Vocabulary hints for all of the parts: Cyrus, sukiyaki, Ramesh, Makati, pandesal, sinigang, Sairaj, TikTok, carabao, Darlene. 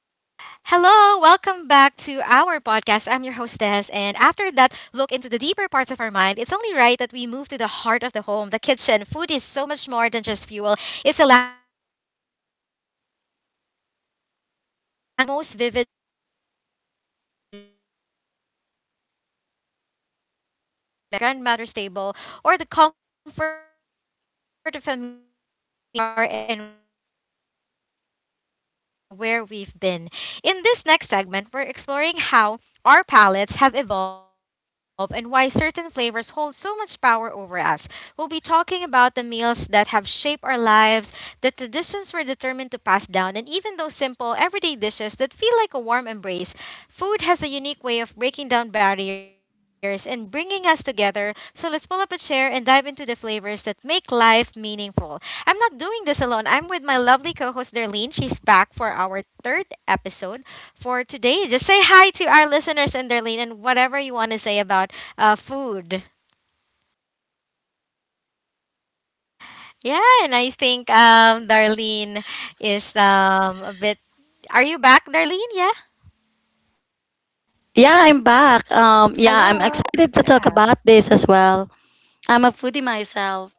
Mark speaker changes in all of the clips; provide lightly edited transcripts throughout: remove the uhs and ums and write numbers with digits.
Speaker 1: Hello, welcome back to our podcast. I'm your hostess, and after that look into the deeper parts of our mind, it's only right that we move to the heart of the home, the kitchen. Food is so much more than just fuel, it's a language of its own that carries our history, our culture, and our most vivid memories. Whether it's the specific scent of a spice that takes you back to your grandmother's table or the comfort of a meal shared after a long day, what we eat tells the story of who we are and where we've been. In this next segment, we're exploring how our palates have evolved and why certain flavors hold so much power over us. We'll be talking about the meals that have shaped our lives, the traditions we're determined to pass down, and even those simple, everyday dishes that feel like a warm embrace. Food has a unique way of breaking down barriers and bringing us together, so let's pull up a chair and dive into the flavors that make life meaningful. I'm not doing this alone. I'm with my lovely co host, Darlene. She's back for our third episode for today. Just say hi to our listeners and Darlene and whatever you want to say about food. Yeah, and I think Darlene is a bit. Are you back, Darlene? Yeah.
Speaker 2: Yeah, I'm back. Yeah, I'm excited to talk about
Speaker 1: Hello.
Speaker 2: this as well.
Speaker 1: Yeah.
Speaker 2: I'm a foodie myself.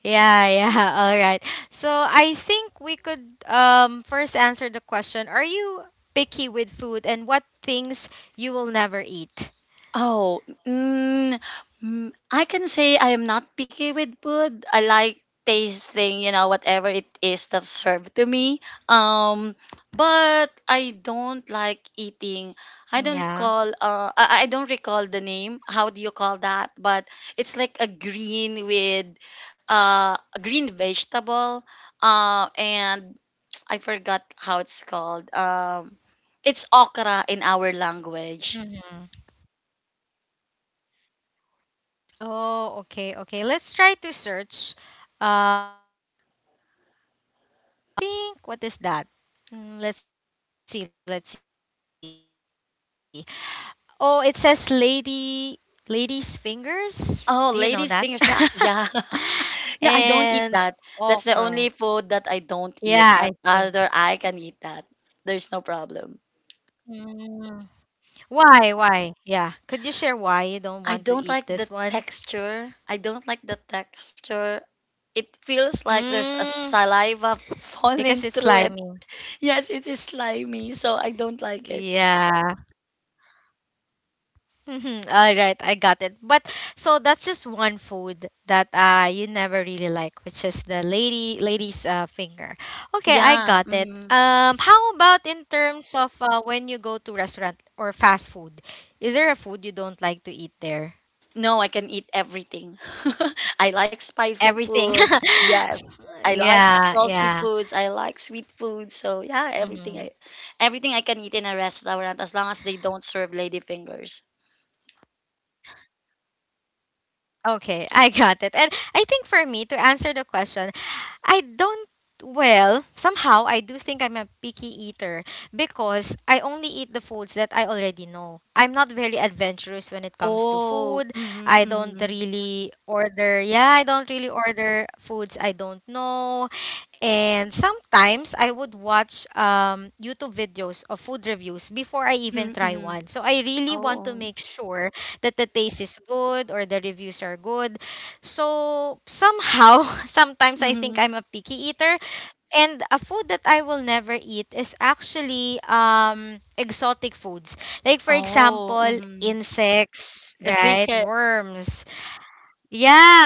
Speaker 1: Yeah, yeah. All right. So I think we could first answer the question. Are you picky with food and what things you will never eat?
Speaker 2: Oh, mm, I can say I am not picky with food. I like tasting, you know, whatever it is that's served to me. Um, but I don't like eating. I don't
Speaker 1: Yeah.
Speaker 2: call. I don't recall the name. How do you call that? But it's like a green with, a green vegetable. And I forgot how it's called. It's okra in our language.
Speaker 1: Mm-hmm. Oh, okay, okay. Let's try to search what's that on English. But I think what is that? Mm, let's see, let's see. Oh, it says lady's fingers. Do you know
Speaker 2: Oh,
Speaker 1: that?
Speaker 2: ladies' fingers. Yeah, yeah, yeah. I don't
Speaker 1: And
Speaker 2: eat that. That's the
Speaker 1: okra.
Speaker 2: only food that I don't eat.
Speaker 1: Yeah, I
Speaker 2: But
Speaker 1: think.
Speaker 2: other, I can eat that. There's no problem.
Speaker 1: Mm. Why? Why? Yeah. Could you share why you don't
Speaker 2: I
Speaker 1: want to
Speaker 2: don't
Speaker 1: eat
Speaker 2: like
Speaker 1: this
Speaker 2: the
Speaker 1: one?
Speaker 2: texture. I don't like the texture. It feels like there's a
Speaker 1: Mm,
Speaker 2: saliva falling
Speaker 1: because it's
Speaker 2: through it.
Speaker 1: slimy.
Speaker 2: Yes, it is slimy, so I don't like it.
Speaker 1: Yeah. Mhm. All right, I got it. But so that's just one food that you never really like, which is the lady's finger. Okay, I
Speaker 2: Yeah.
Speaker 1: got it.
Speaker 2: Mm-hmm.
Speaker 1: How about in terms of when you go to restaurant or fast food? Is there a food you don't like to eat there?
Speaker 2: No, I can eat everything. I like spicy
Speaker 1: Everything.
Speaker 2: foods. Yes. I like
Speaker 1: Yeah,
Speaker 2: salty
Speaker 1: yeah.
Speaker 2: foods. I like sweet foods. So yeah,
Speaker 1: Hmm.
Speaker 2: everything I can eat in a restaurant as long as they don't serve ladyfingers.
Speaker 1: Okay, I got it. And I think for me to answer the question, I don't, well, somehow I do think I'm a picky eater because I only eat the foods that I already know. I'm not very adventurous when it comes to
Speaker 2: Oh,
Speaker 1: food. I
Speaker 2: mm-hmm,
Speaker 1: don't
Speaker 2: mm-hmm,
Speaker 1: really order, Yeah, I don't really order foods I don't know. And sometimes I would watch YouTube videos of food reviews before I even
Speaker 2: mm-hmm.
Speaker 1: try
Speaker 2: Mm-hmm.
Speaker 1: one. So I really want to
Speaker 2: Oh,
Speaker 1: make sure that the taste is good or the reviews are good. So somehow, sometimes I think
Speaker 2: mm-hmm.
Speaker 1: I'm a picky eater. And a food that I will never eat is actually exotic foods. Like, for
Speaker 2: Oh,
Speaker 1: example,
Speaker 2: mm-hmm.
Speaker 1: insects,
Speaker 2: The
Speaker 1: right?
Speaker 2: cricket.
Speaker 1: Worms. Yeah,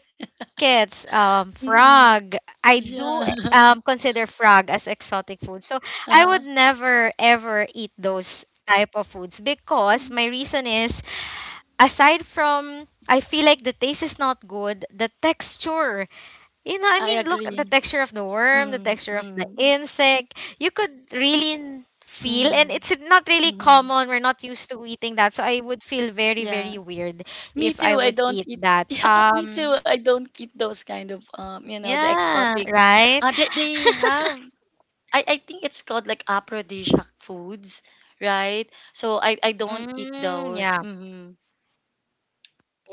Speaker 1: crickets,
Speaker 2: Mm-hmm.
Speaker 1: frog. I do
Speaker 2: Yeah.
Speaker 1: consider frog as exotic food. So I would
Speaker 2: Uh-huh.
Speaker 1: never ever eat those type of foods because my reason is, aside from I feel like the taste is not good, the texture, I
Speaker 2: I
Speaker 1: mean, look at the
Speaker 2: agree.
Speaker 1: texture of the worm, the
Speaker 2: Mm-hmm.
Speaker 1: texture of the
Speaker 2: Mm-hmm.
Speaker 1: insect. You could really feel, and
Speaker 2: Mm-hmm.
Speaker 1: it's not really
Speaker 2: Mm-hmm.
Speaker 1: common. We're not used to eating that, so I would feel very, very
Speaker 2: Yeah.
Speaker 1: weird
Speaker 2: Me
Speaker 1: if I
Speaker 2: too. I
Speaker 1: would
Speaker 2: don't
Speaker 1: eat
Speaker 2: eat.
Speaker 1: that.
Speaker 2: Yeah, me too. I don't eat those kind of you know, the
Speaker 1: Yeah,
Speaker 2: exotic.
Speaker 1: right?
Speaker 2: They have. I think it's called like aphrodisiac foods, right? So I don't eat
Speaker 1: Mm,
Speaker 2: those.
Speaker 1: yeah.
Speaker 2: Hmm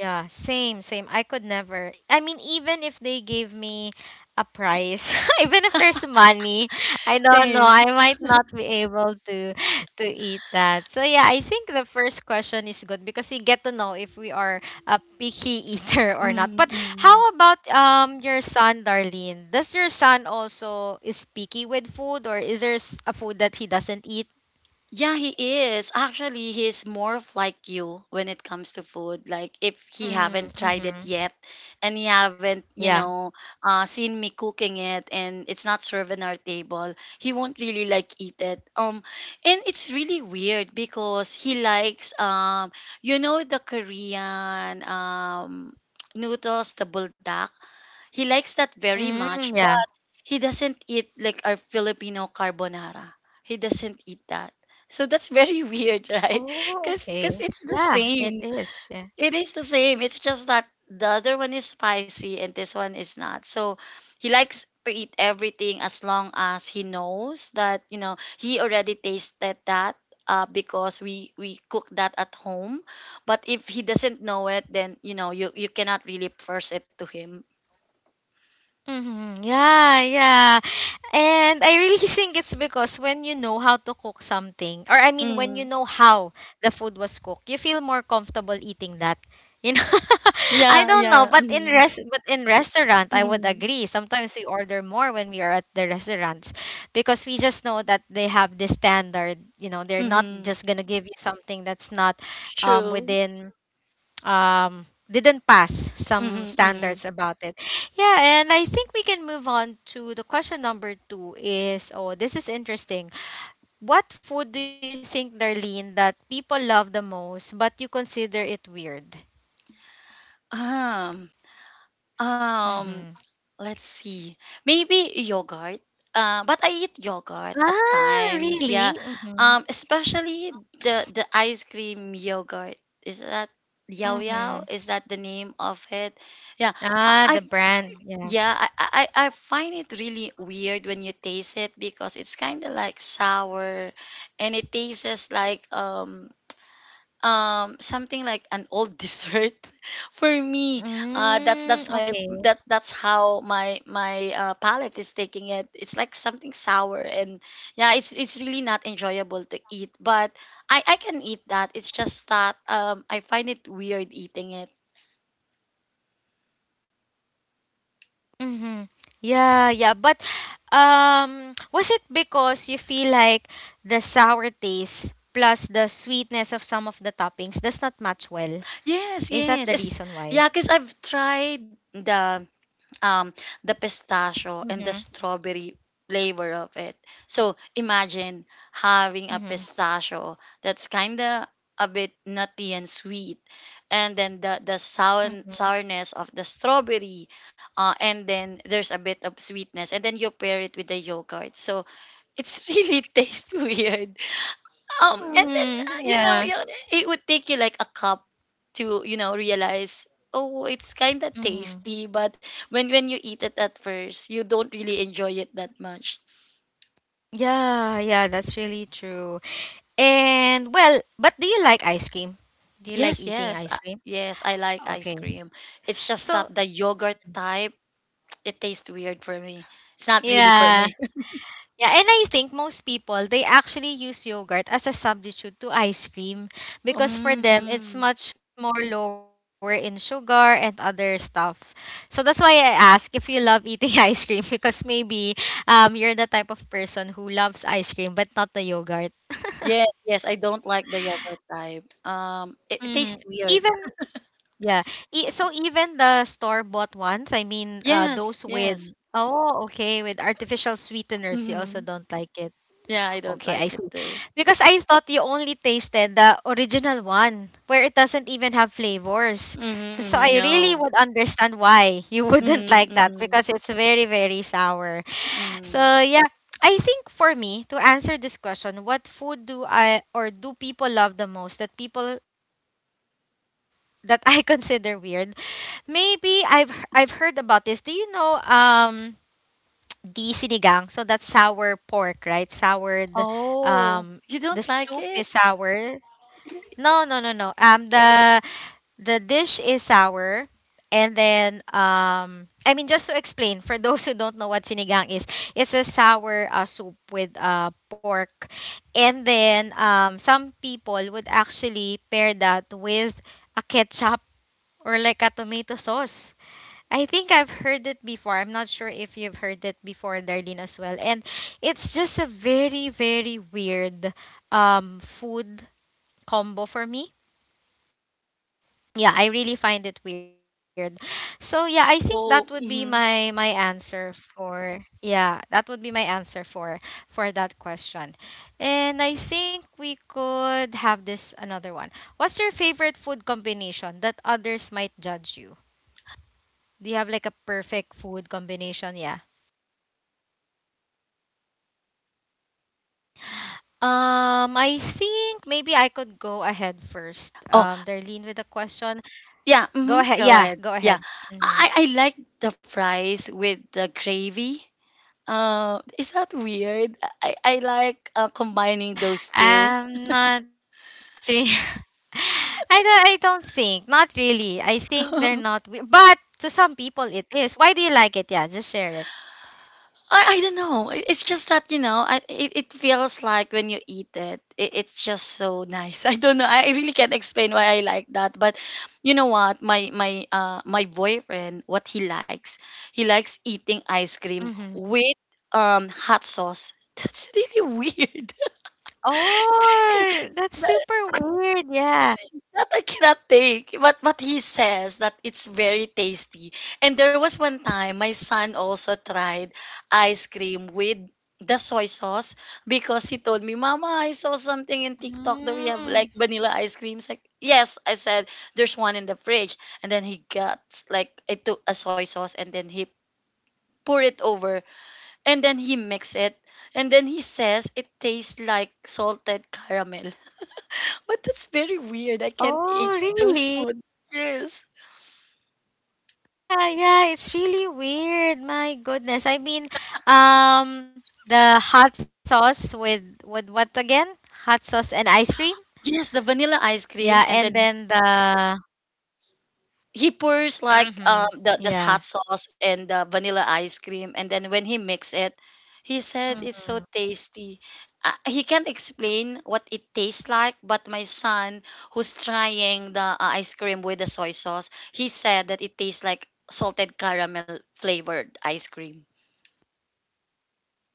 Speaker 1: Yeah, same, same. I could never. I mean, even if they gave me a prize, even if there's money, I don't know.
Speaker 2: Same.
Speaker 1: I might not be able to eat that. So yeah, I think the first question is good because we get to know if we are a picky eater or not. But
Speaker 2: Mm-hmm.
Speaker 1: how about your son, Darlene? Does your son also is picky with food, or is there a food that he doesn't eat?
Speaker 2: Yeah, he is. Actually, he's more of like you when it comes to food. Like if he
Speaker 1: Mm,
Speaker 2: haven't tried it
Speaker 1: mm-hmm.
Speaker 2: yet and he haven't, you
Speaker 1: Yeah.
Speaker 2: know, seen me cooking it and it's not served on our table, he won't really like eat it. And it's really weird because he likes, you know, the Korean noodles, the buldak. He likes that very much.
Speaker 1: Mm, yeah.
Speaker 2: He doesn't eat like our Filipino carbonara. He doesn't eat that. So that's very weird, right?
Speaker 1: Oh,
Speaker 2: Cause,
Speaker 1: okay.
Speaker 2: cause it's the
Speaker 1: Yeah, it
Speaker 2: same.
Speaker 1: is. Yeah.
Speaker 2: It is the same. It's just that the other one is spicy and this one is not. So he likes to eat everything as long as he knows that you know he already tasted that. Because we cook that at home, but if he doesn't know it, then you know you cannot really force it to him.
Speaker 1: Mm-hmm. Yeah, yeah. And I really think it's because when you know how to cook something, or I mean, when you
Speaker 2: Mm.
Speaker 1: know how the food was cooked, you feel more comfortable eating that. You know, I
Speaker 2: Yeah,
Speaker 1: don't know,
Speaker 2: yeah.
Speaker 1: but but in restaurant, I would
Speaker 2: hmm
Speaker 1: agree. Sometimes we order more when we are at the restaurants because we just know that they have this standard. You know, they're not
Speaker 2: Mhm.
Speaker 1: just gonna give you something that's not
Speaker 2: True.
Speaker 1: within didn't pass some
Speaker 2: Mhm, mhm.
Speaker 1: standards about it. Yeah, and I think we can move on to the question number two is, oh, this is interesting. What food do you think, Darlene, that people love the most, but you consider it weird?
Speaker 2: Um, um,
Speaker 1: Mm-hmm.
Speaker 2: let's see. Maybe yogurt. But I eat yogurt at
Speaker 1: Ah, really?
Speaker 2: times. Yeah.
Speaker 1: Mm-hmm.
Speaker 2: Especially the ice cream yogurt. Is that Yao
Speaker 1: Mm-hmm.
Speaker 2: Yao? Is that the name of it? Yeah.
Speaker 1: Ah, the
Speaker 2: I I-
Speaker 1: brand. Yeah.
Speaker 2: I find it really weird when you taste it because it's kind of like sour and it tastes like something like an old dessert for me. uh that's
Speaker 1: Mm,
Speaker 2: that's my
Speaker 1: okay.
Speaker 2: that's that's how my my palate is taking it. It's like something sour, and yeah, it's really not enjoyable to eat, but I can eat that. It's just that I find it weird eating it.
Speaker 1: Mm-hmm. Yeah, yeah. But was it because you feel like the sour taste plus the sweetness of some of the toppings does not match well? Is that the reason why?
Speaker 2: Yes, yes, yeah because I've tried um, the
Speaker 1: Mm-hmm.
Speaker 2: pistachio and the strawberry flavor of it. So imagine
Speaker 1: Mm-hmm.
Speaker 2: having a pistachio that's kind of a bit nutty and sweet, and then the the
Speaker 1: Mm-hmm.
Speaker 2: sour, sourness of the strawberry, and then there's a bit of sweetness, and then you pair it with the yogurt. So it's really tastes weird, and then
Speaker 1: Mm-hmm.
Speaker 2: you know,
Speaker 1: Yeah.
Speaker 2: you it would take you like a cup to you know realize, oh, it's kind of
Speaker 1: Mm-hmm.
Speaker 2: tasty, but when you eat it at first, you don't really enjoy it that much.
Speaker 1: Yeah, yeah, that's really true. And well, but do you like ice cream? Do you like
Speaker 2: Yes,
Speaker 1: eating
Speaker 2: yes,
Speaker 1: ice cream?
Speaker 2: yes, I like ice
Speaker 1: Okay.
Speaker 2: cream. It's just that
Speaker 1: So,
Speaker 2: the yogurt type, it tastes weird for me. It's not really for
Speaker 1: yeah.
Speaker 2: me.
Speaker 1: Yeah, and I think most people they actually use yogurt as a substitute to ice cream because for
Speaker 2: Mm,
Speaker 1: them it's
Speaker 2: mm.
Speaker 1: much more lower in sugar and other stuff. So that's why I ask if you love eating ice cream because maybe you're the type of person who loves ice cream but not the yogurt.
Speaker 2: Yes, yes, I don't like the yogurt type. It, it
Speaker 1: Mm-hmm.
Speaker 2: tastes weird.
Speaker 1: Even yeah, so even the store bought ones, I mean
Speaker 2: Yes,
Speaker 1: those with
Speaker 2: yes.
Speaker 1: oh okay with artificial sweeteners, you also
Speaker 2: hmm
Speaker 1: don't like it.
Speaker 2: Yeah, I don't
Speaker 1: Okay, I
Speaker 2: like
Speaker 1: see.
Speaker 2: it too.
Speaker 1: Because I thought you only tasted the original one where it doesn't even have flavors.
Speaker 2: Mhm,
Speaker 1: So
Speaker 2: mhm,
Speaker 1: I really
Speaker 2: no.
Speaker 1: would understand why you wouldn't
Speaker 2: Mhm,
Speaker 1: like that
Speaker 2: mhm,
Speaker 1: because it's very, very sour. So
Speaker 2: mhm.
Speaker 1: yeah, I think for me to answer this question, what food do I or do people love the most that people that I consider weird? Maybe I've heard about this. Do you know the sinigang. So that's sour pork, right? Soured. Um, the
Speaker 2: Oh,
Speaker 1: soup
Speaker 2: you
Speaker 1: is
Speaker 2: don't like it?
Speaker 1: sour. No,
Speaker 2: Y-
Speaker 1: no, no, no. The dish is sour, and then I mean, just to explain for those who don't know what sinigang is, it's a sour soup with pork, and then some people would actually pair that with a ketchup or like a tomato sauce. I think I've heard it before. I'm not sure if you've heard it before, Darlene, as well. And it's just a very, very weird food combo for me. Yeah, I really find it weird. So yeah, I think that would be my
Speaker 2: Oh,
Speaker 1: my
Speaker 2: mhm.
Speaker 1: answer for, yeah, that would be my answer for that question. And I think we could have this another one. What's your favorite food combination that others might judge you? Do you have like a perfect food combination? Yeah. I think maybe I could go ahead first.
Speaker 2: Oh,
Speaker 1: Darlene with the question.
Speaker 2: yeah, mhm.
Speaker 1: Go
Speaker 2: Go
Speaker 1: ahead.
Speaker 2: ahead.
Speaker 1: Yeah,
Speaker 2: Yeah.
Speaker 1: go ahead.
Speaker 2: I
Speaker 1: Hmm.
Speaker 2: like the fries with the gravy. Is that weird? I like
Speaker 1: Oh, yeah,
Speaker 2: combining
Speaker 1: yeah.
Speaker 2: those two.
Speaker 1: I'm not re- I don't think. Not really. I think they're not. But to some people, it is. Why do you like it? Yeah, just share it.
Speaker 2: I don't know. I- It's just that, you know, it, it feels like when you eat it, it, it's just so nice. I don't know. I really can't explain why I like that. But you know what? My boyfriend, what he likes eating ice cream
Speaker 1: Hmm.
Speaker 2: with hot sauce. That's really weird.
Speaker 1: Oh, that's super weird. Yeah.
Speaker 2: That I cannot take. But he says that it's very tasty. And there was one time my son also tried ice cream with the soy sauce because he told me, Mama, I saw something in TikTok that we have like
Speaker 1: Mm.
Speaker 2: vanilla ice creams. Like, yes, I said there's one in the fridge. And then he got like I took a soy sauce, and then he poured it over and then he mix it and then he says it tastes like salted caramel. But that's very weird. I can't eat
Speaker 1: Oh,
Speaker 2: those
Speaker 1: really?
Speaker 2: food. Yes,
Speaker 1: Yeah, yeah, it's really weird. My goodness. I mean, the hot sauce with what again? Hot sauce and ice cream.
Speaker 2: yes, the vanilla ice cream,
Speaker 1: Yeah,
Speaker 2: and
Speaker 1: and
Speaker 2: then
Speaker 1: then the.
Speaker 2: he pours like
Speaker 1: Mm-hmm.
Speaker 2: the this
Speaker 1: Yeah.
Speaker 2: hot sauce and the vanilla ice cream, and then when he mix it he said it's so tasty. He can't explain what it tastes like, but my son who's trying the ice cream with the soy sauce he said that it tastes like salted caramel flavored ice cream.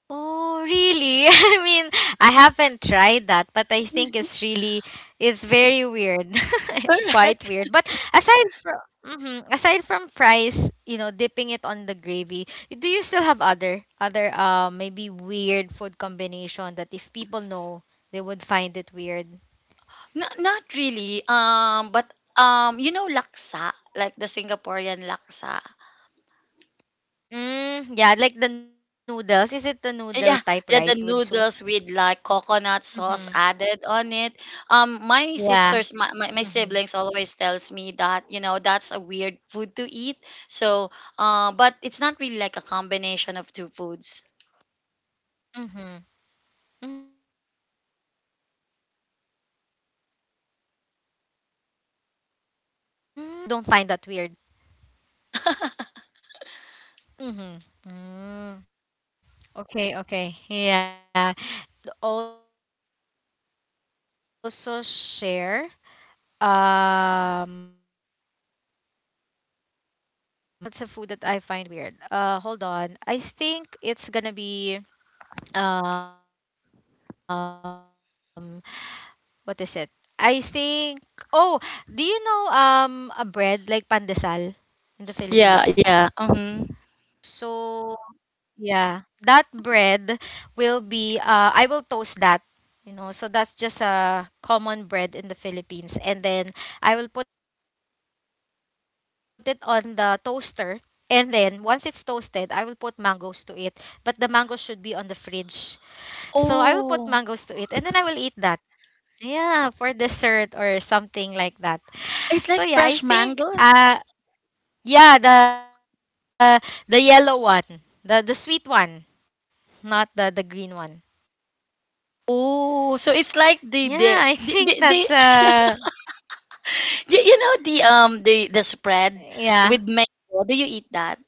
Speaker 1: Oh, really? I mean, I haven't tried that, but I think it's really, it's very weird. It's quite
Speaker 2: Correct.
Speaker 1: weird. But aside from, mm-hmm, aside from fries, you know, dipping it on the gravy, do you still have other maybe weird food combination that if people know, they would find it weird?
Speaker 2: Not, not really, but you know laksa, like the Singaporean laksa.
Speaker 1: Mm, yeah, like the noodles. Is it the noodle
Speaker 2: Yeah,
Speaker 1: type, right,
Speaker 2: yeah, the
Speaker 1: with soup?
Speaker 2: noodles with like coconut sauce
Speaker 1: Mm-hmm.
Speaker 2: added on it. My sisters,
Speaker 1: Yeah.
Speaker 2: my siblings always tells me that, you know, that's a weird food to eat. So, but it's not really like a combination of two foods.
Speaker 1: Mm-hmm. Mm, okay. So, but it's something that you're okay with. You don't find that weird. Mm-hmm. Mm. Okay, okay. Yeah. I think something that I could also share, um, a food that I find it weird. What's a food that I find weird? Hold on. I think it's gonna be um what is it? I think, oh, do you know a bread like pandesal in the
Speaker 2: Yeah,
Speaker 1: Philippines?
Speaker 2: yeah. Mm-hmm.
Speaker 1: So yeah, that bread will be I will toast that, you know. So that's just a common bread in the Philippines and then I will put it on the toaster and then once it's toasted, I will put mangoes to it, but the mango should be on the fridge. So I will
Speaker 2: Oh,
Speaker 1: put mangoes to it and then I will eat that. Yeah, for dessert or
Speaker 2: it's
Speaker 1: something
Speaker 2: like
Speaker 1: like
Speaker 2: fresh
Speaker 1: that.
Speaker 2: mangoes.
Speaker 1: So yeah, I think yeah, the yellow one. The sweet one, not the the green one.
Speaker 2: Oh, so it's like
Speaker 1: Yeah, I think
Speaker 2: the
Speaker 1: that's
Speaker 2: you know the the spread
Speaker 1: yeah.
Speaker 2: with mango. Do you eat that?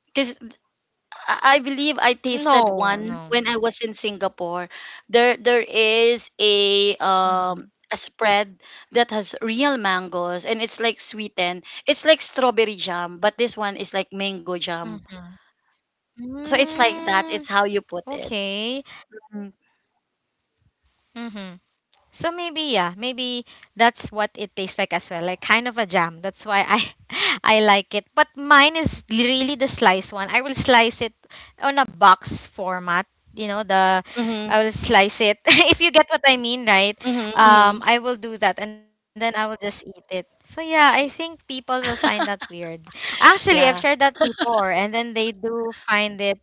Speaker 2: Because I believe I tasted one
Speaker 1: No,
Speaker 2: when
Speaker 1: no.
Speaker 2: I was in Singapore. There is
Speaker 1: Mhm.
Speaker 2: a spread that has real mangoes and it's like sweetened. It's like strawberry jam, but this one is like mango jam.
Speaker 1: Mhm.
Speaker 2: So it's like that.
Speaker 1: Mm,
Speaker 2: It's how you put it.
Speaker 1: okay.
Speaker 2: Mm-hmm.
Speaker 1: Mhm. So maybe, yeah, maybe that's what it tastes like as well, like kind of a jam. That's why I I like it. But mine is really the slice one. I will slice it on a box format. You know the
Speaker 2: Mm-hmm.
Speaker 1: I will slice it if you get what I mean, right?
Speaker 2: hmm
Speaker 1: I will do that and then I will just eat it. So yeah, I think people will find that weird. Actually, I've
Speaker 2: Yeah.
Speaker 1: shared that before, and then they do find it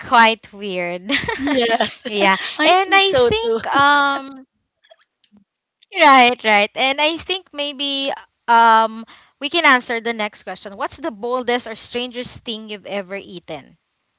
Speaker 1: quite weird.
Speaker 2: Yes.
Speaker 1: Yeah,
Speaker 2: I
Speaker 1: and
Speaker 2: think
Speaker 1: I
Speaker 2: so too.
Speaker 1: think right, right. And I think maybe um we can answer the next question. What's the boldest or strangest thing you've ever eaten?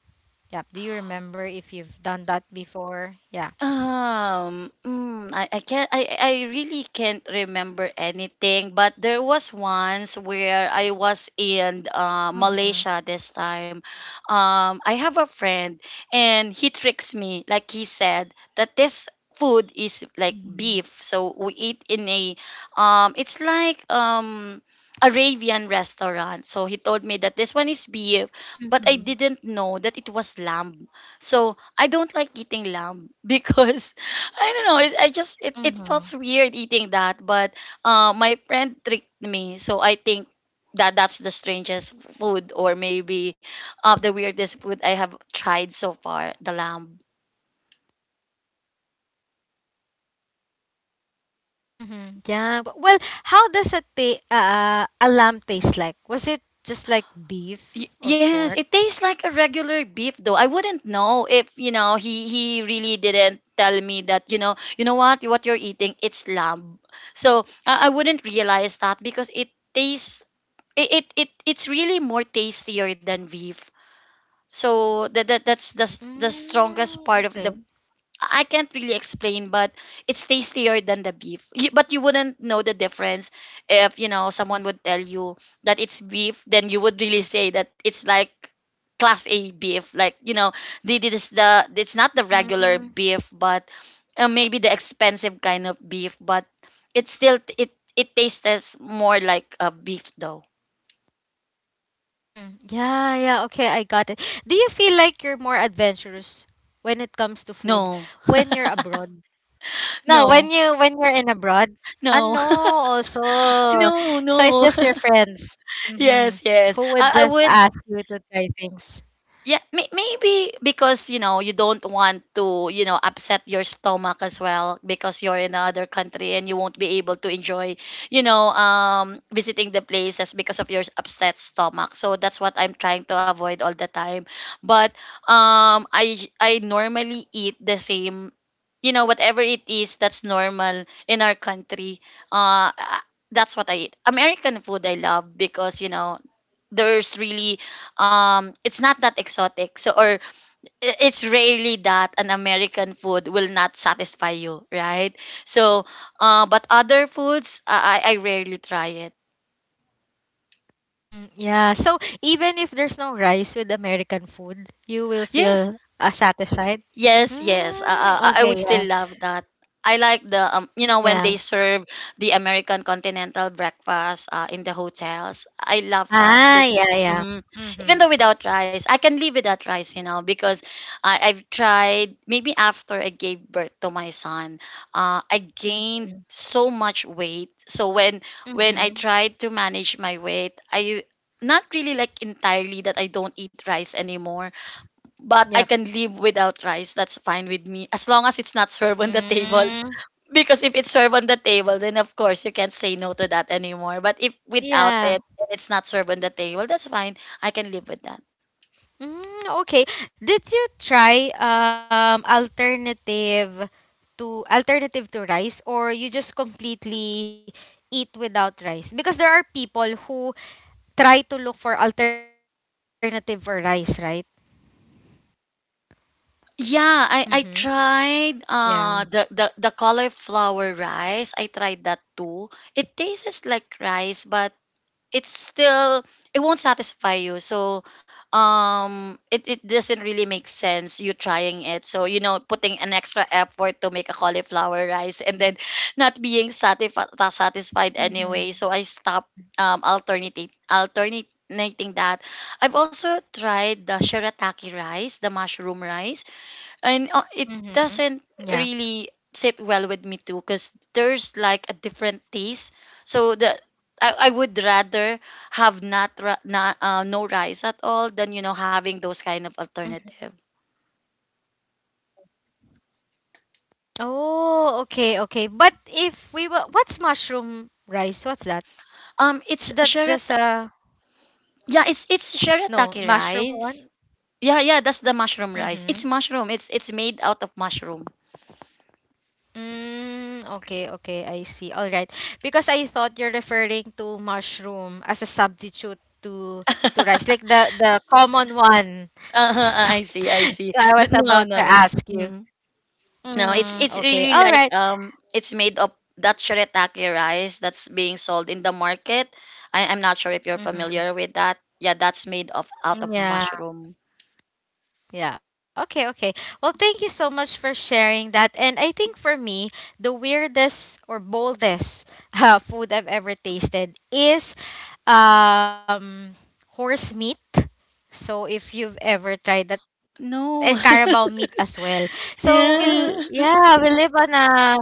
Speaker 1: Yep. Do you remember if you've done that before? Yeah.
Speaker 2: I can't I really can't remember anything, but there was once where I was in Malaysia
Speaker 1: Mm-hmm.
Speaker 2: this time. I have a friend and he tricks me, like he said that this food is like beef,
Speaker 1: Mm-hmm.
Speaker 2: so we eat in a it's like. Arabian restaurant. So he told me that this one is beef, but I didn't
Speaker 1: Mm-hmm.
Speaker 2: know that it was lamb. So I don't like eating lamb because I don't know. I just it felt
Speaker 1: Mm-hmm.
Speaker 2: weird eating that, but my friend tricked me, so I think that that's the strangest food, or maybe of the weirdest food I have tried so far. The lamb.
Speaker 1: Mm-hmm. Yeah. But, well, how does a lamb taste like? Was it just like beef or pork?
Speaker 2: Y- yes, it tastes like a regular beef though. I wouldn't know if you know he really didn't tell me that you know what you're eating, it's lamb. So I wouldn't realize that because it tastes it it, it it's really more tastier than beef. So that's the s- the strongest part of
Speaker 1: Mm,
Speaker 2: the I can't really explain, but it's tastier than the beef. You, but you wouldn't know the difference if you know someone would tell you that it's beef, then you would really say that it's like class A beef, like you know, the- this the it's not the
Speaker 1: okay.
Speaker 2: regular beef, but maybe the expensive kind of beef, but it's still it tastes more like a beef though.
Speaker 1: Mm-hmm. Yeah, yeah. Okay, I got it. Do you feel like you're more adventurous when it comes to food
Speaker 2: No.
Speaker 1: when you're abroad? No,
Speaker 2: No,
Speaker 1: when you're in abroad. Ah,
Speaker 2: no,
Speaker 1: no, also.
Speaker 2: no,
Speaker 1: So it's
Speaker 2: no.
Speaker 1: just your friends. Mm-hmm.
Speaker 2: Yes, yes.
Speaker 1: Who would
Speaker 2: I
Speaker 1: just
Speaker 2: would,
Speaker 1: ask you to try things?
Speaker 2: Yeah, may- maybe because you know you don't want to you know upset your stomach as well because you're in another country and you won't be able to enjoy you know visiting the places because of your upset stomach. So that's what I'm trying to avoid all the time. But I normally eat the same you know whatever it is that's normal in our country. Uh that's what I eat. American food I love because you know there's really it's not that exotic, so or I- it's rarely that an American food will not satisfy you, right? So but other foods, I rarely try it.
Speaker 1: Mm-hmm. Yeah. So even if there's no rice with American food, you will
Speaker 2: Yes.
Speaker 1: feel satisfied.
Speaker 2: Yes, yes.
Speaker 1: Mm,
Speaker 2: I would
Speaker 1: okay.
Speaker 2: still
Speaker 1: Yeah.
Speaker 2: love that. I like the you know when they
Speaker 1: Yeah.
Speaker 2: serve the American continental breakfast in the hotels. I love that.
Speaker 1: Ah.
Speaker 2: Be-
Speaker 1: Yeah. Yeah.
Speaker 2: mhm.
Speaker 1: Mm-hmm.
Speaker 2: Even though without rice, I can live without rice, you know, because I, I've tried. Maybe after I gave birth to my son, I
Speaker 1: Mm-hmm.
Speaker 2: gained so much weight. So when
Speaker 1: Mm-hmm.
Speaker 2: I tried to manage my weight, I not really like entirely that I don't eat rice anymore but I
Speaker 1: Yep.
Speaker 2: can live without rice. That's fine with me as long as it's not served on the table.
Speaker 1: Mm,
Speaker 2: Because if it's served on the table, then of course you can't say no to that anymore. But if without
Speaker 1: yeah.
Speaker 2: it, and it's not served on the table, that's fine. I can live with that.
Speaker 1: Mm, okay. Did you try alternative to rice, or you just completely eat without rice? Because there are people who try to look for alternative for rice, right? Mm-hmm.
Speaker 2: Yeah, I
Speaker 1: Yeah.
Speaker 2: tried the cauliflower rice. I tried that too. It tastes like rice, but it's still it won't satisfy you so it doesn't really make sense you trying it so you know putting an extra effort to make a cauliflower rice and then not being satisfied
Speaker 1: Mm-hmm.
Speaker 2: satisfied anyway so I stopped alternating that. I've also tried the shirataki rice, the mushroom rice,
Speaker 1: Mm-hmm.
Speaker 2: and it
Speaker 1: Yeah.
Speaker 2: doesn't really sit well with me too because there's like a different taste. So the I would rather have not, ra- not no rice at all than you know having those kind of
Speaker 1: Mm.
Speaker 2: alternative.
Speaker 1: Oh, okay, okay. But if we were, what's mushroom rice? What's that? Is
Speaker 2: It's
Speaker 1: that just
Speaker 2: sharata,
Speaker 1: a
Speaker 2: yeah, it's
Speaker 1: no
Speaker 2: it's
Speaker 1: mushroom
Speaker 2: shirataki
Speaker 1: one?
Speaker 2: rice. Yeah, yeah, that's the mushroom
Speaker 1: Mm-hmm.
Speaker 2: rice. It's mushroom, it's made out of mushroom.
Speaker 1: Mm, okay, okay, I see. All right. Because I thought you're referring to mushroom as a substitute to rice, like the common one.
Speaker 2: uh
Speaker 1: So,
Speaker 2: I see, I see,
Speaker 1: so I
Speaker 2: but
Speaker 1: was
Speaker 2: no,
Speaker 1: about to
Speaker 2: no.
Speaker 1: ask you.
Speaker 2: Mm. No, it's
Speaker 1: Mm,
Speaker 2: it's
Speaker 1: okay.
Speaker 2: really
Speaker 1: All
Speaker 2: like
Speaker 1: right.
Speaker 2: it's made of that shirataki rice that's being sold in the market. I'm not sure if you're
Speaker 1: Mm-hmm.
Speaker 2: familiar with that. Yeah, that's made of out of
Speaker 1: Yeah.
Speaker 2: mushroom.
Speaker 1: Yeah, okay, okay. Well, thank you so much for sharing that. And I think for me, the weirdest or boldest food I've ever tasted is um horse meat. So if you've ever tried that, and
Speaker 2: No.
Speaker 1: carabao meat as well. So
Speaker 2: Yeah.
Speaker 1: we live on a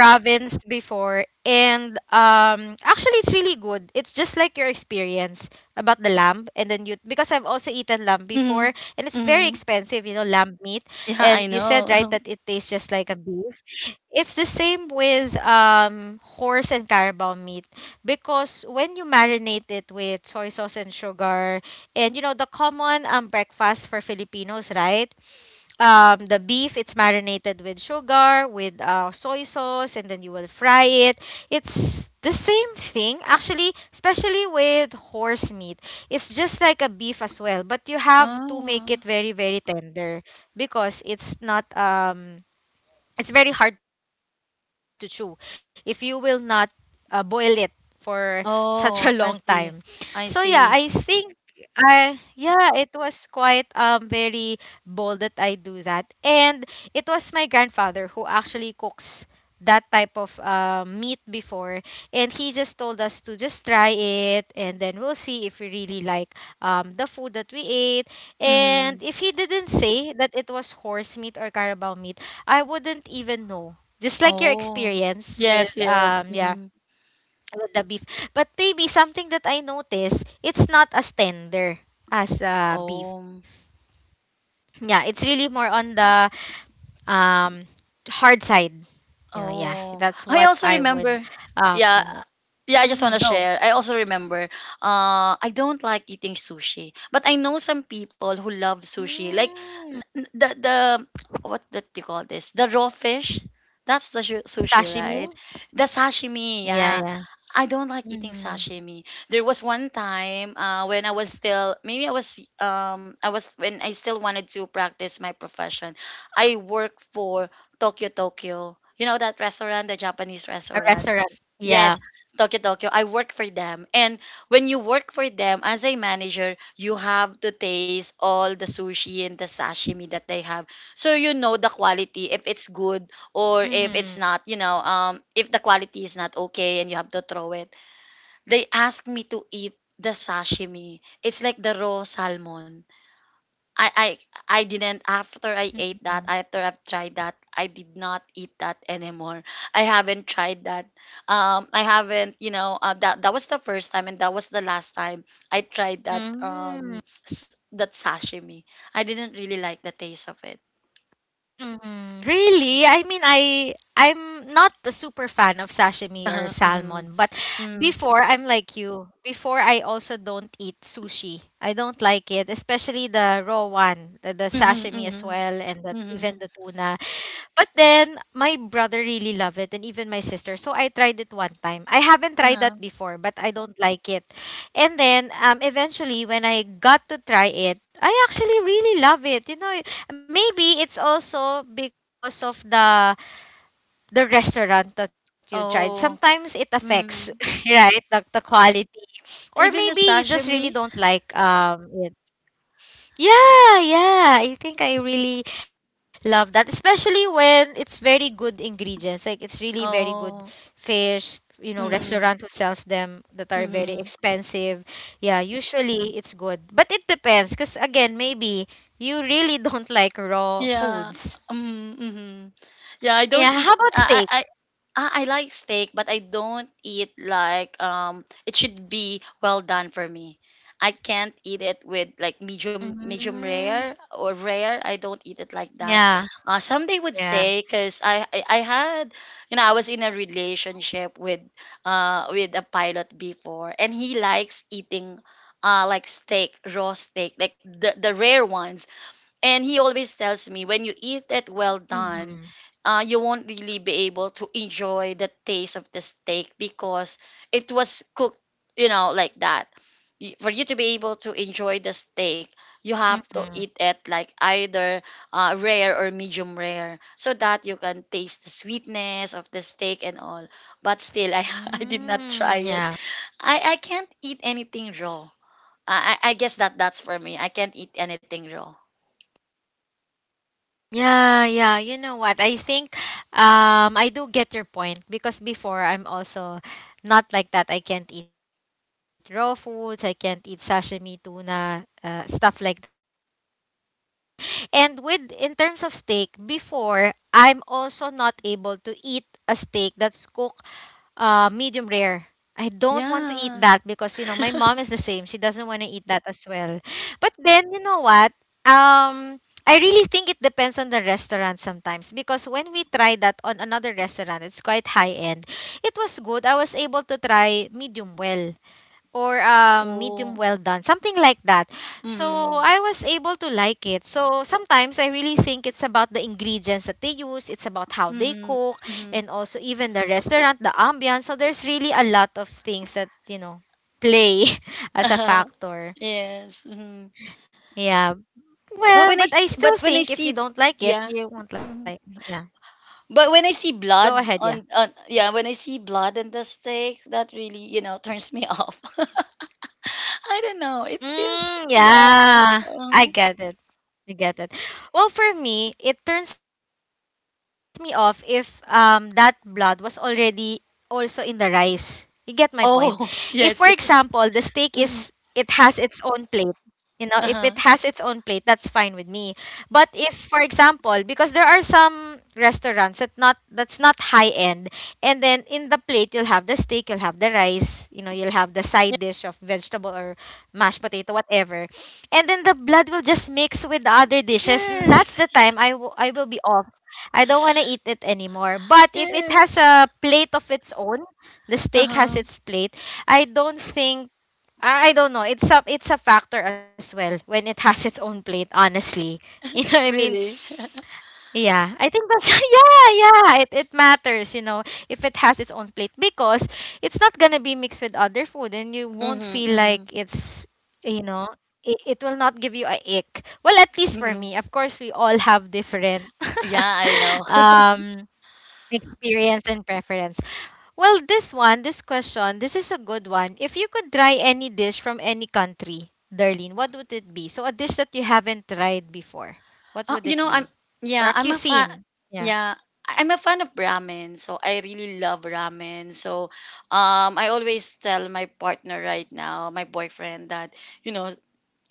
Speaker 1: province before, and actually it's really good. It's just like your experience about the lamb. And then you because I've also eaten lamb
Speaker 2: Hmm.
Speaker 1: before, and it's very
Speaker 2: Hmm.
Speaker 1: expensive. You know lamb meat.
Speaker 2: Yeah,
Speaker 1: And
Speaker 2: I
Speaker 1: you said right
Speaker 2: know.
Speaker 1: that it tastes just like a beef. It's the same with horse and carabao meat, because when you marinate it with soy sauce and sugar, and you know the common breakfast for Filipinos, right? The beef, it's marinated with sugar, with soy sauce, and then you will fry it. It's the same thing actually, especially with horse meat. It's just like a beef as well, but you have to make
Speaker 2: Ah.
Speaker 1: it very very tender, because it's not, it's very hard to chew if you will not boil it for such a long time.
Speaker 2: Oh,
Speaker 1: So
Speaker 2: I
Speaker 1: yeah,
Speaker 2: see.
Speaker 1: I think
Speaker 2: I see.
Speaker 1: it was quite very bold that I do that. And it was my grandfather who actually cooks that type of meat before, and he just told us to just try it, and then we'll see if we really like the food that we ate.
Speaker 2: Hmm.
Speaker 1: And if he didn't say that it was horse meat or carabao meat, I wouldn't even know. Just like your
Speaker 2: Oh.
Speaker 1: experience
Speaker 2: Yes,
Speaker 1: with
Speaker 2: yes. Hmm.
Speaker 1: with the beef. But maybe something that I notice, it's not as tender as
Speaker 2: Oh.
Speaker 1: beef. Yeah, it's really more on the um hard side. You know, yeah.
Speaker 2: Oh,
Speaker 1: That's
Speaker 2: I
Speaker 1: what
Speaker 2: also
Speaker 1: I would
Speaker 2: remember. Yeah.
Speaker 1: comment.
Speaker 2: Yeah, I just
Speaker 1: Mm-hmm,
Speaker 2: want to
Speaker 1: go.
Speaker 2: share. I also remember. I don't like eating sushi, but I know some people who love sushi. Like n-
Speaker 1: Mm.
Speaker 2: n- the the what do you call this? The raw fish. That's the
Speaker 1: S-
Speaker 2: shu- sushi, right?
Speaker 1: Sashimi?
Speaker 2: The sashimi.
Speaker 1: Yeah,
Speaker 2: Yeah.
Speaker 1: yeah.
Speaker 2: I don't like eating
Speaker 1: Mm-hmm.
Speaker 2: sashimi. There was one time when I was still maybe I was when I still wanted to practice my profession. I worked for Tokyo Tokyo. You know that restaurant, the Japanese
Speaker 1: A
Speaker 2: restaurant?
Speaker 1: restaurant.
Speaker 2: Yes,
Speaker 1: Yeah.
Speaker 2: Tokyo Tokyo. I work for them. And when you work for them as a manager, you have to taste all the sushi and the sashimi that they have. So you know the quality if it's good or if it's
Speaker 1: Mm-hmm.
Speaker 2: not, you know, if the quality is not okay and you have to throw it. They asked me to eat the sashimi. It's like the raw salmon. I I I didn't after I ate
Speaker 1: Mm-hmm.
Speaker 2: that, after I've tried that, I did not eat that anymore. I haven't tried that. I haven't, you know, that that was the first time and that was the last time I tried that
Speaker 1: Mm-hmm.
Speaker 2: that sashimi. I didn't really like the taste of it.
Speaker 1: Mm, really? I mean, I'm not a super fan of sashimi or
Speaker 2: Uh-huh. Mhm.
Speaker 1: salmon, but
Speaker 2: Mm.
Speaker 1: before I'm like you. Before I also don't eat sushi. I don't like it, especially the raw one, the
Speaker 2: Mhm.
Speaker 1: sashimi as
Speaker 2: Mhm.
Speaker 1: well, and even
Speaker 2: Mhm.
Speaker 1: the tuna. But then my brother really loved it, and even my sister. So I tried it one time. I haven't tried
Speaker 2: Uh-huh.
Speaker 1: that before, but I don't like it. And then eventually, when I got to try it, I actually really love it. You know, maybe it's also because of the restaurant that you tried.
Speaker 2: Oh.
Speaker 1: Sometimes it affects,
Speaker 2: Mm.
Speaker 1: right? The quality. Or
Speaker 2: Even the
Speaker 1: maybe you just really
Speaker 2: sashimi.
Speaker 1: don't like it. Yeah, yeah. I think I really love that, especially when it's very good ingredients. Like it's really very good
Speaker 2: Oh.
Speaker 1: fish,
Speaker 2: Mhm.
Speaker 1: restaurant who sells them that are very
Speaker 2: Mhm.
Speaker 1: expensive. Yeah, usually it's good. But it depends, because again, maybe you really don't like raw
Speaker 2: Yeah.
Speaker 1: foods.
Speaker 2: Mhm. Yeah, I don't
Speaker 1: Yeah,
Speaker 2: eat
Speaker 1: how about
Speaker 2: I I
Speaker 1: steak?
Speaker 2: I ah, I like steak, but I don't eat like it should be well done for me. I can't eat it with like
Speaker 1: Mm,
Speaker 2: medium rare or rare. I don't eat it like
Speaker 1: yeah,
Speaker 2: that. Some
Speaker 1: yeah.
Speaker 2: they would say because I had you know I was in a relationship with a pilot before, and he likes eating like steak, raw steak, like the rare ones, and he always tells me when you eat it well
Speaker 1: Mm-hmm.
Speaker 2: done, you won't really be able to enjoy the taste of the steak because it was cooked, you know, like that. Y- For you to be able to enjoy the steak, you have to
Speaker 1: Mm-hmm.
Speaker 2: eat it like either rare or medium rare so that you can taste the sweetness of the steak and all. But still, I, I did not
Speaker 1: Mm,
Speaker 2: try it.
Speaker 1: yeah.
Speaker 2: I can't eat anything raw. I guess that that's for me. I can't eat anything raw.
Speaker 1: Yeah, yeah. You know what? I think I do get your point, because before I'm also not like that. I can't eat raw foods, I can't eat sashimi, tuna, stuff like that. And with in terms of steak, before I'm also not able to eat a steak that's cooked medium rare. I don't want to eat that, because you know my mom is the
Speaker 2: Yeah.
Speaker 1: same. She doesn't want to eat that as well. But then, you know what? Um I really think it depends on the restaurant sometimes, because when we tried that on another restaurant, it's quite high end. It was good. I was able to try medium well, or medium well done,
Speaker 2: Oh,
Speaker 1: something like that. So I was
Speaker 2: mhm,
Speaker 1: able to like it. So sometimes I really think it's about the ingredients that they use, it's about how they
Speaker 2: mhm,
Speaker 1: cook, and
Speaker 2: mhm.
Speaker 1: also even the restaurant, the ambiance. So there's really a lot of things that, play as a factor.
Speaker 2: Yes. Mhm.
Speaker 1: Yeah. Well, but I
Speaker 2: But
Speaker 1: still
Speaker 2: when I
Speaker 1: think if
Speaker 2: see,
Speaker 1: you don't like it,
Speaker 2: yeah.
Speaker 1: you won't like.
Speaker 2: Mhm.
Speaker 1: Yeah.
Speaker 2: But when I see
Speaker 1: Go ahead,
Speaker 2: blood
Speaker 1: yeah.
Speaker 2: on, yeah, when I see blood on the steak, that really, you know, turns me off. I don't know. It feels
Speaker 1: Mm,
Speaker 2: yeah.
Speaker 1: yeah, I
Speaker 2: um,
Speaker 1: get it. I get it. Well, for me, it turns me off if that blood was already also in the rice. You get my point. If, for
Speaker 2: oh,
Speaker 1: example, the steak
Speaker 2: yes,
Speaker 1: is
Speaker 2: yes.
Speaker 1: it has its
Speaker 2: Mhm.
Speaker 1: own plate, you know, if it has its own plate,
Speaker 2: Uh-huh.
Speaker 1: that's fine with me. But if, for example, because there are some restaurants that's not high end, and then in the plate you'll have the steak, you'll have the rice, you'll have the side dish of vegetable or mashed potato, whatever, and then the blood will just mix with the other dishes. And that's the
Speaker 2: Yes.
Speaker 1: time I will be off. I don't want to eat it anymore. But if it has
Speaker 2: Yes.
Speaker 1: a plate of its own, the steak has
Speaker 2: Uh-huh.
Speaker 1: its plate, I don't think I don't know. It's a factor as well, when it has its own plate. Honestly, you know what I mean.
Speaker 2: Really.
Speaker 1: Yeah, I think that's yeah, yeah. It matters, if it has its own plate, because it's not gonna be mixed with other food, and you won't
Speaker 2: Mhm,
Speaker 1: feel like
Speaker 2: mhm,
Speaker 1: you know it will not give you a ick. Well, at least for
Speaker 2: mhm.
Speaker 1: me. Of course, we all have different
Speaker 2: Yeah, I know.
Speaker 1: um experience and preference. Well, this one, this question, this is a good one. If you could try any dish from any country, Darlene, what would it be? So a dish that you haven't tried before, what would
Speaker 2: You
Speaker 1: it
Speaker 2: know, I'm
Speaker 1: be?
Speaker 2: yeah,
Speaker 1: Or a
Speaker 2: I'm a fan.
Speaker 1: cuisine? Yeah.
Speaker 2: Yeah, I'm a fan of ramen, so I really love ramen. So, I always tell my partner right now, my boyfriend, that you know,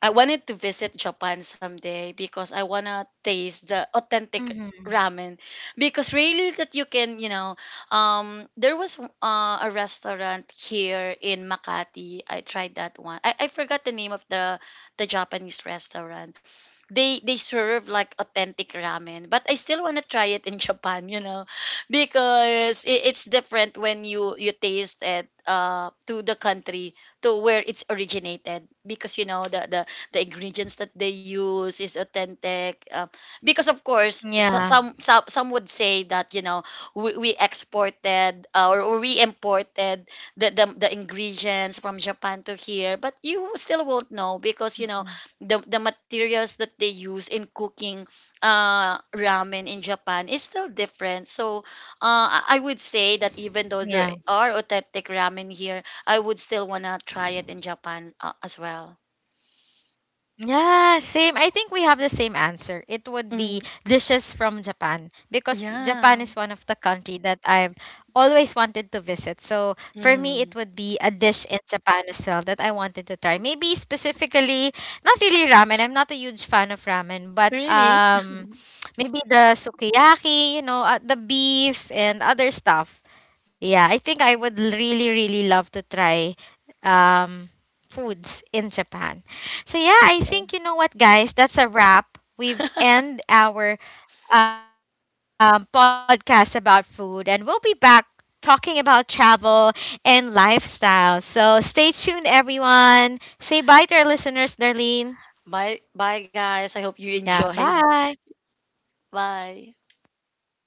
Speaker 2: I wanted to visit Japan someday because I wanna taste the authentic
Speaker 1: Hmm.
Speaker 2: ramen because really that you can, you know, there was a restaurant here in Makati. I tried that one. I forgot the name of the Japanese restaurant. They serve like authentic ramen, but I still want to try it in Japan, you know, because it, it's different when you taste it to the country to where it's originated because you know the ingredients that they use is authentic. Because of course
Speaker 1: Yeah.
Speaker 2: some would say that, you know, we exported or we imported the ingredients from Japan to here, but you still won't know because you know
Speaker 1: Mhm.
Speaker 2: the materials that they use in cooking ramen in Japan is still different. So I would say that even though
Speaker 1: Yeah.
Speaker 2: there are authentic ramen here, I would still wanna try it in Japan, as well.
Speaker 1: Yeah, same. I think we have the same answer. It would be
Speaker 2: Mm-hmm.
Speaker 1: dishes from Japan, because Japan
Speaker 2: Yeah.
Speaker 1: is one of the country that I've always wanted to visit. So for me,
Speaker 2: Mm.
Speaker 1: it would be a dish in Japan as well that I wanted to try. Maybe specifically, not really ramen. I'm not a huge fan of ramen, but
Speaker 2: Really?
Speaker 1: maybe the sukiyaki, you know, the beef and other stuff. Yeah, I think I would really, really love to try um, foods in Japan. So yeah, I
Speaker 2: Okay.
Speaker 1: think, you know what, guys. That's a wrap. We've end our podcast about food, and we'll be back talking about travel and lifestyle. So stay tuned, everyone. Say bye to our listeners, Darlene.
Speaker 2: Bye bye guys. I
Speaker 1: Yeah,
Speaker 2: hope you
Speaker 1: bye.
Speaker 2: enjoyed. Bye.
Speaker 1: Yeah.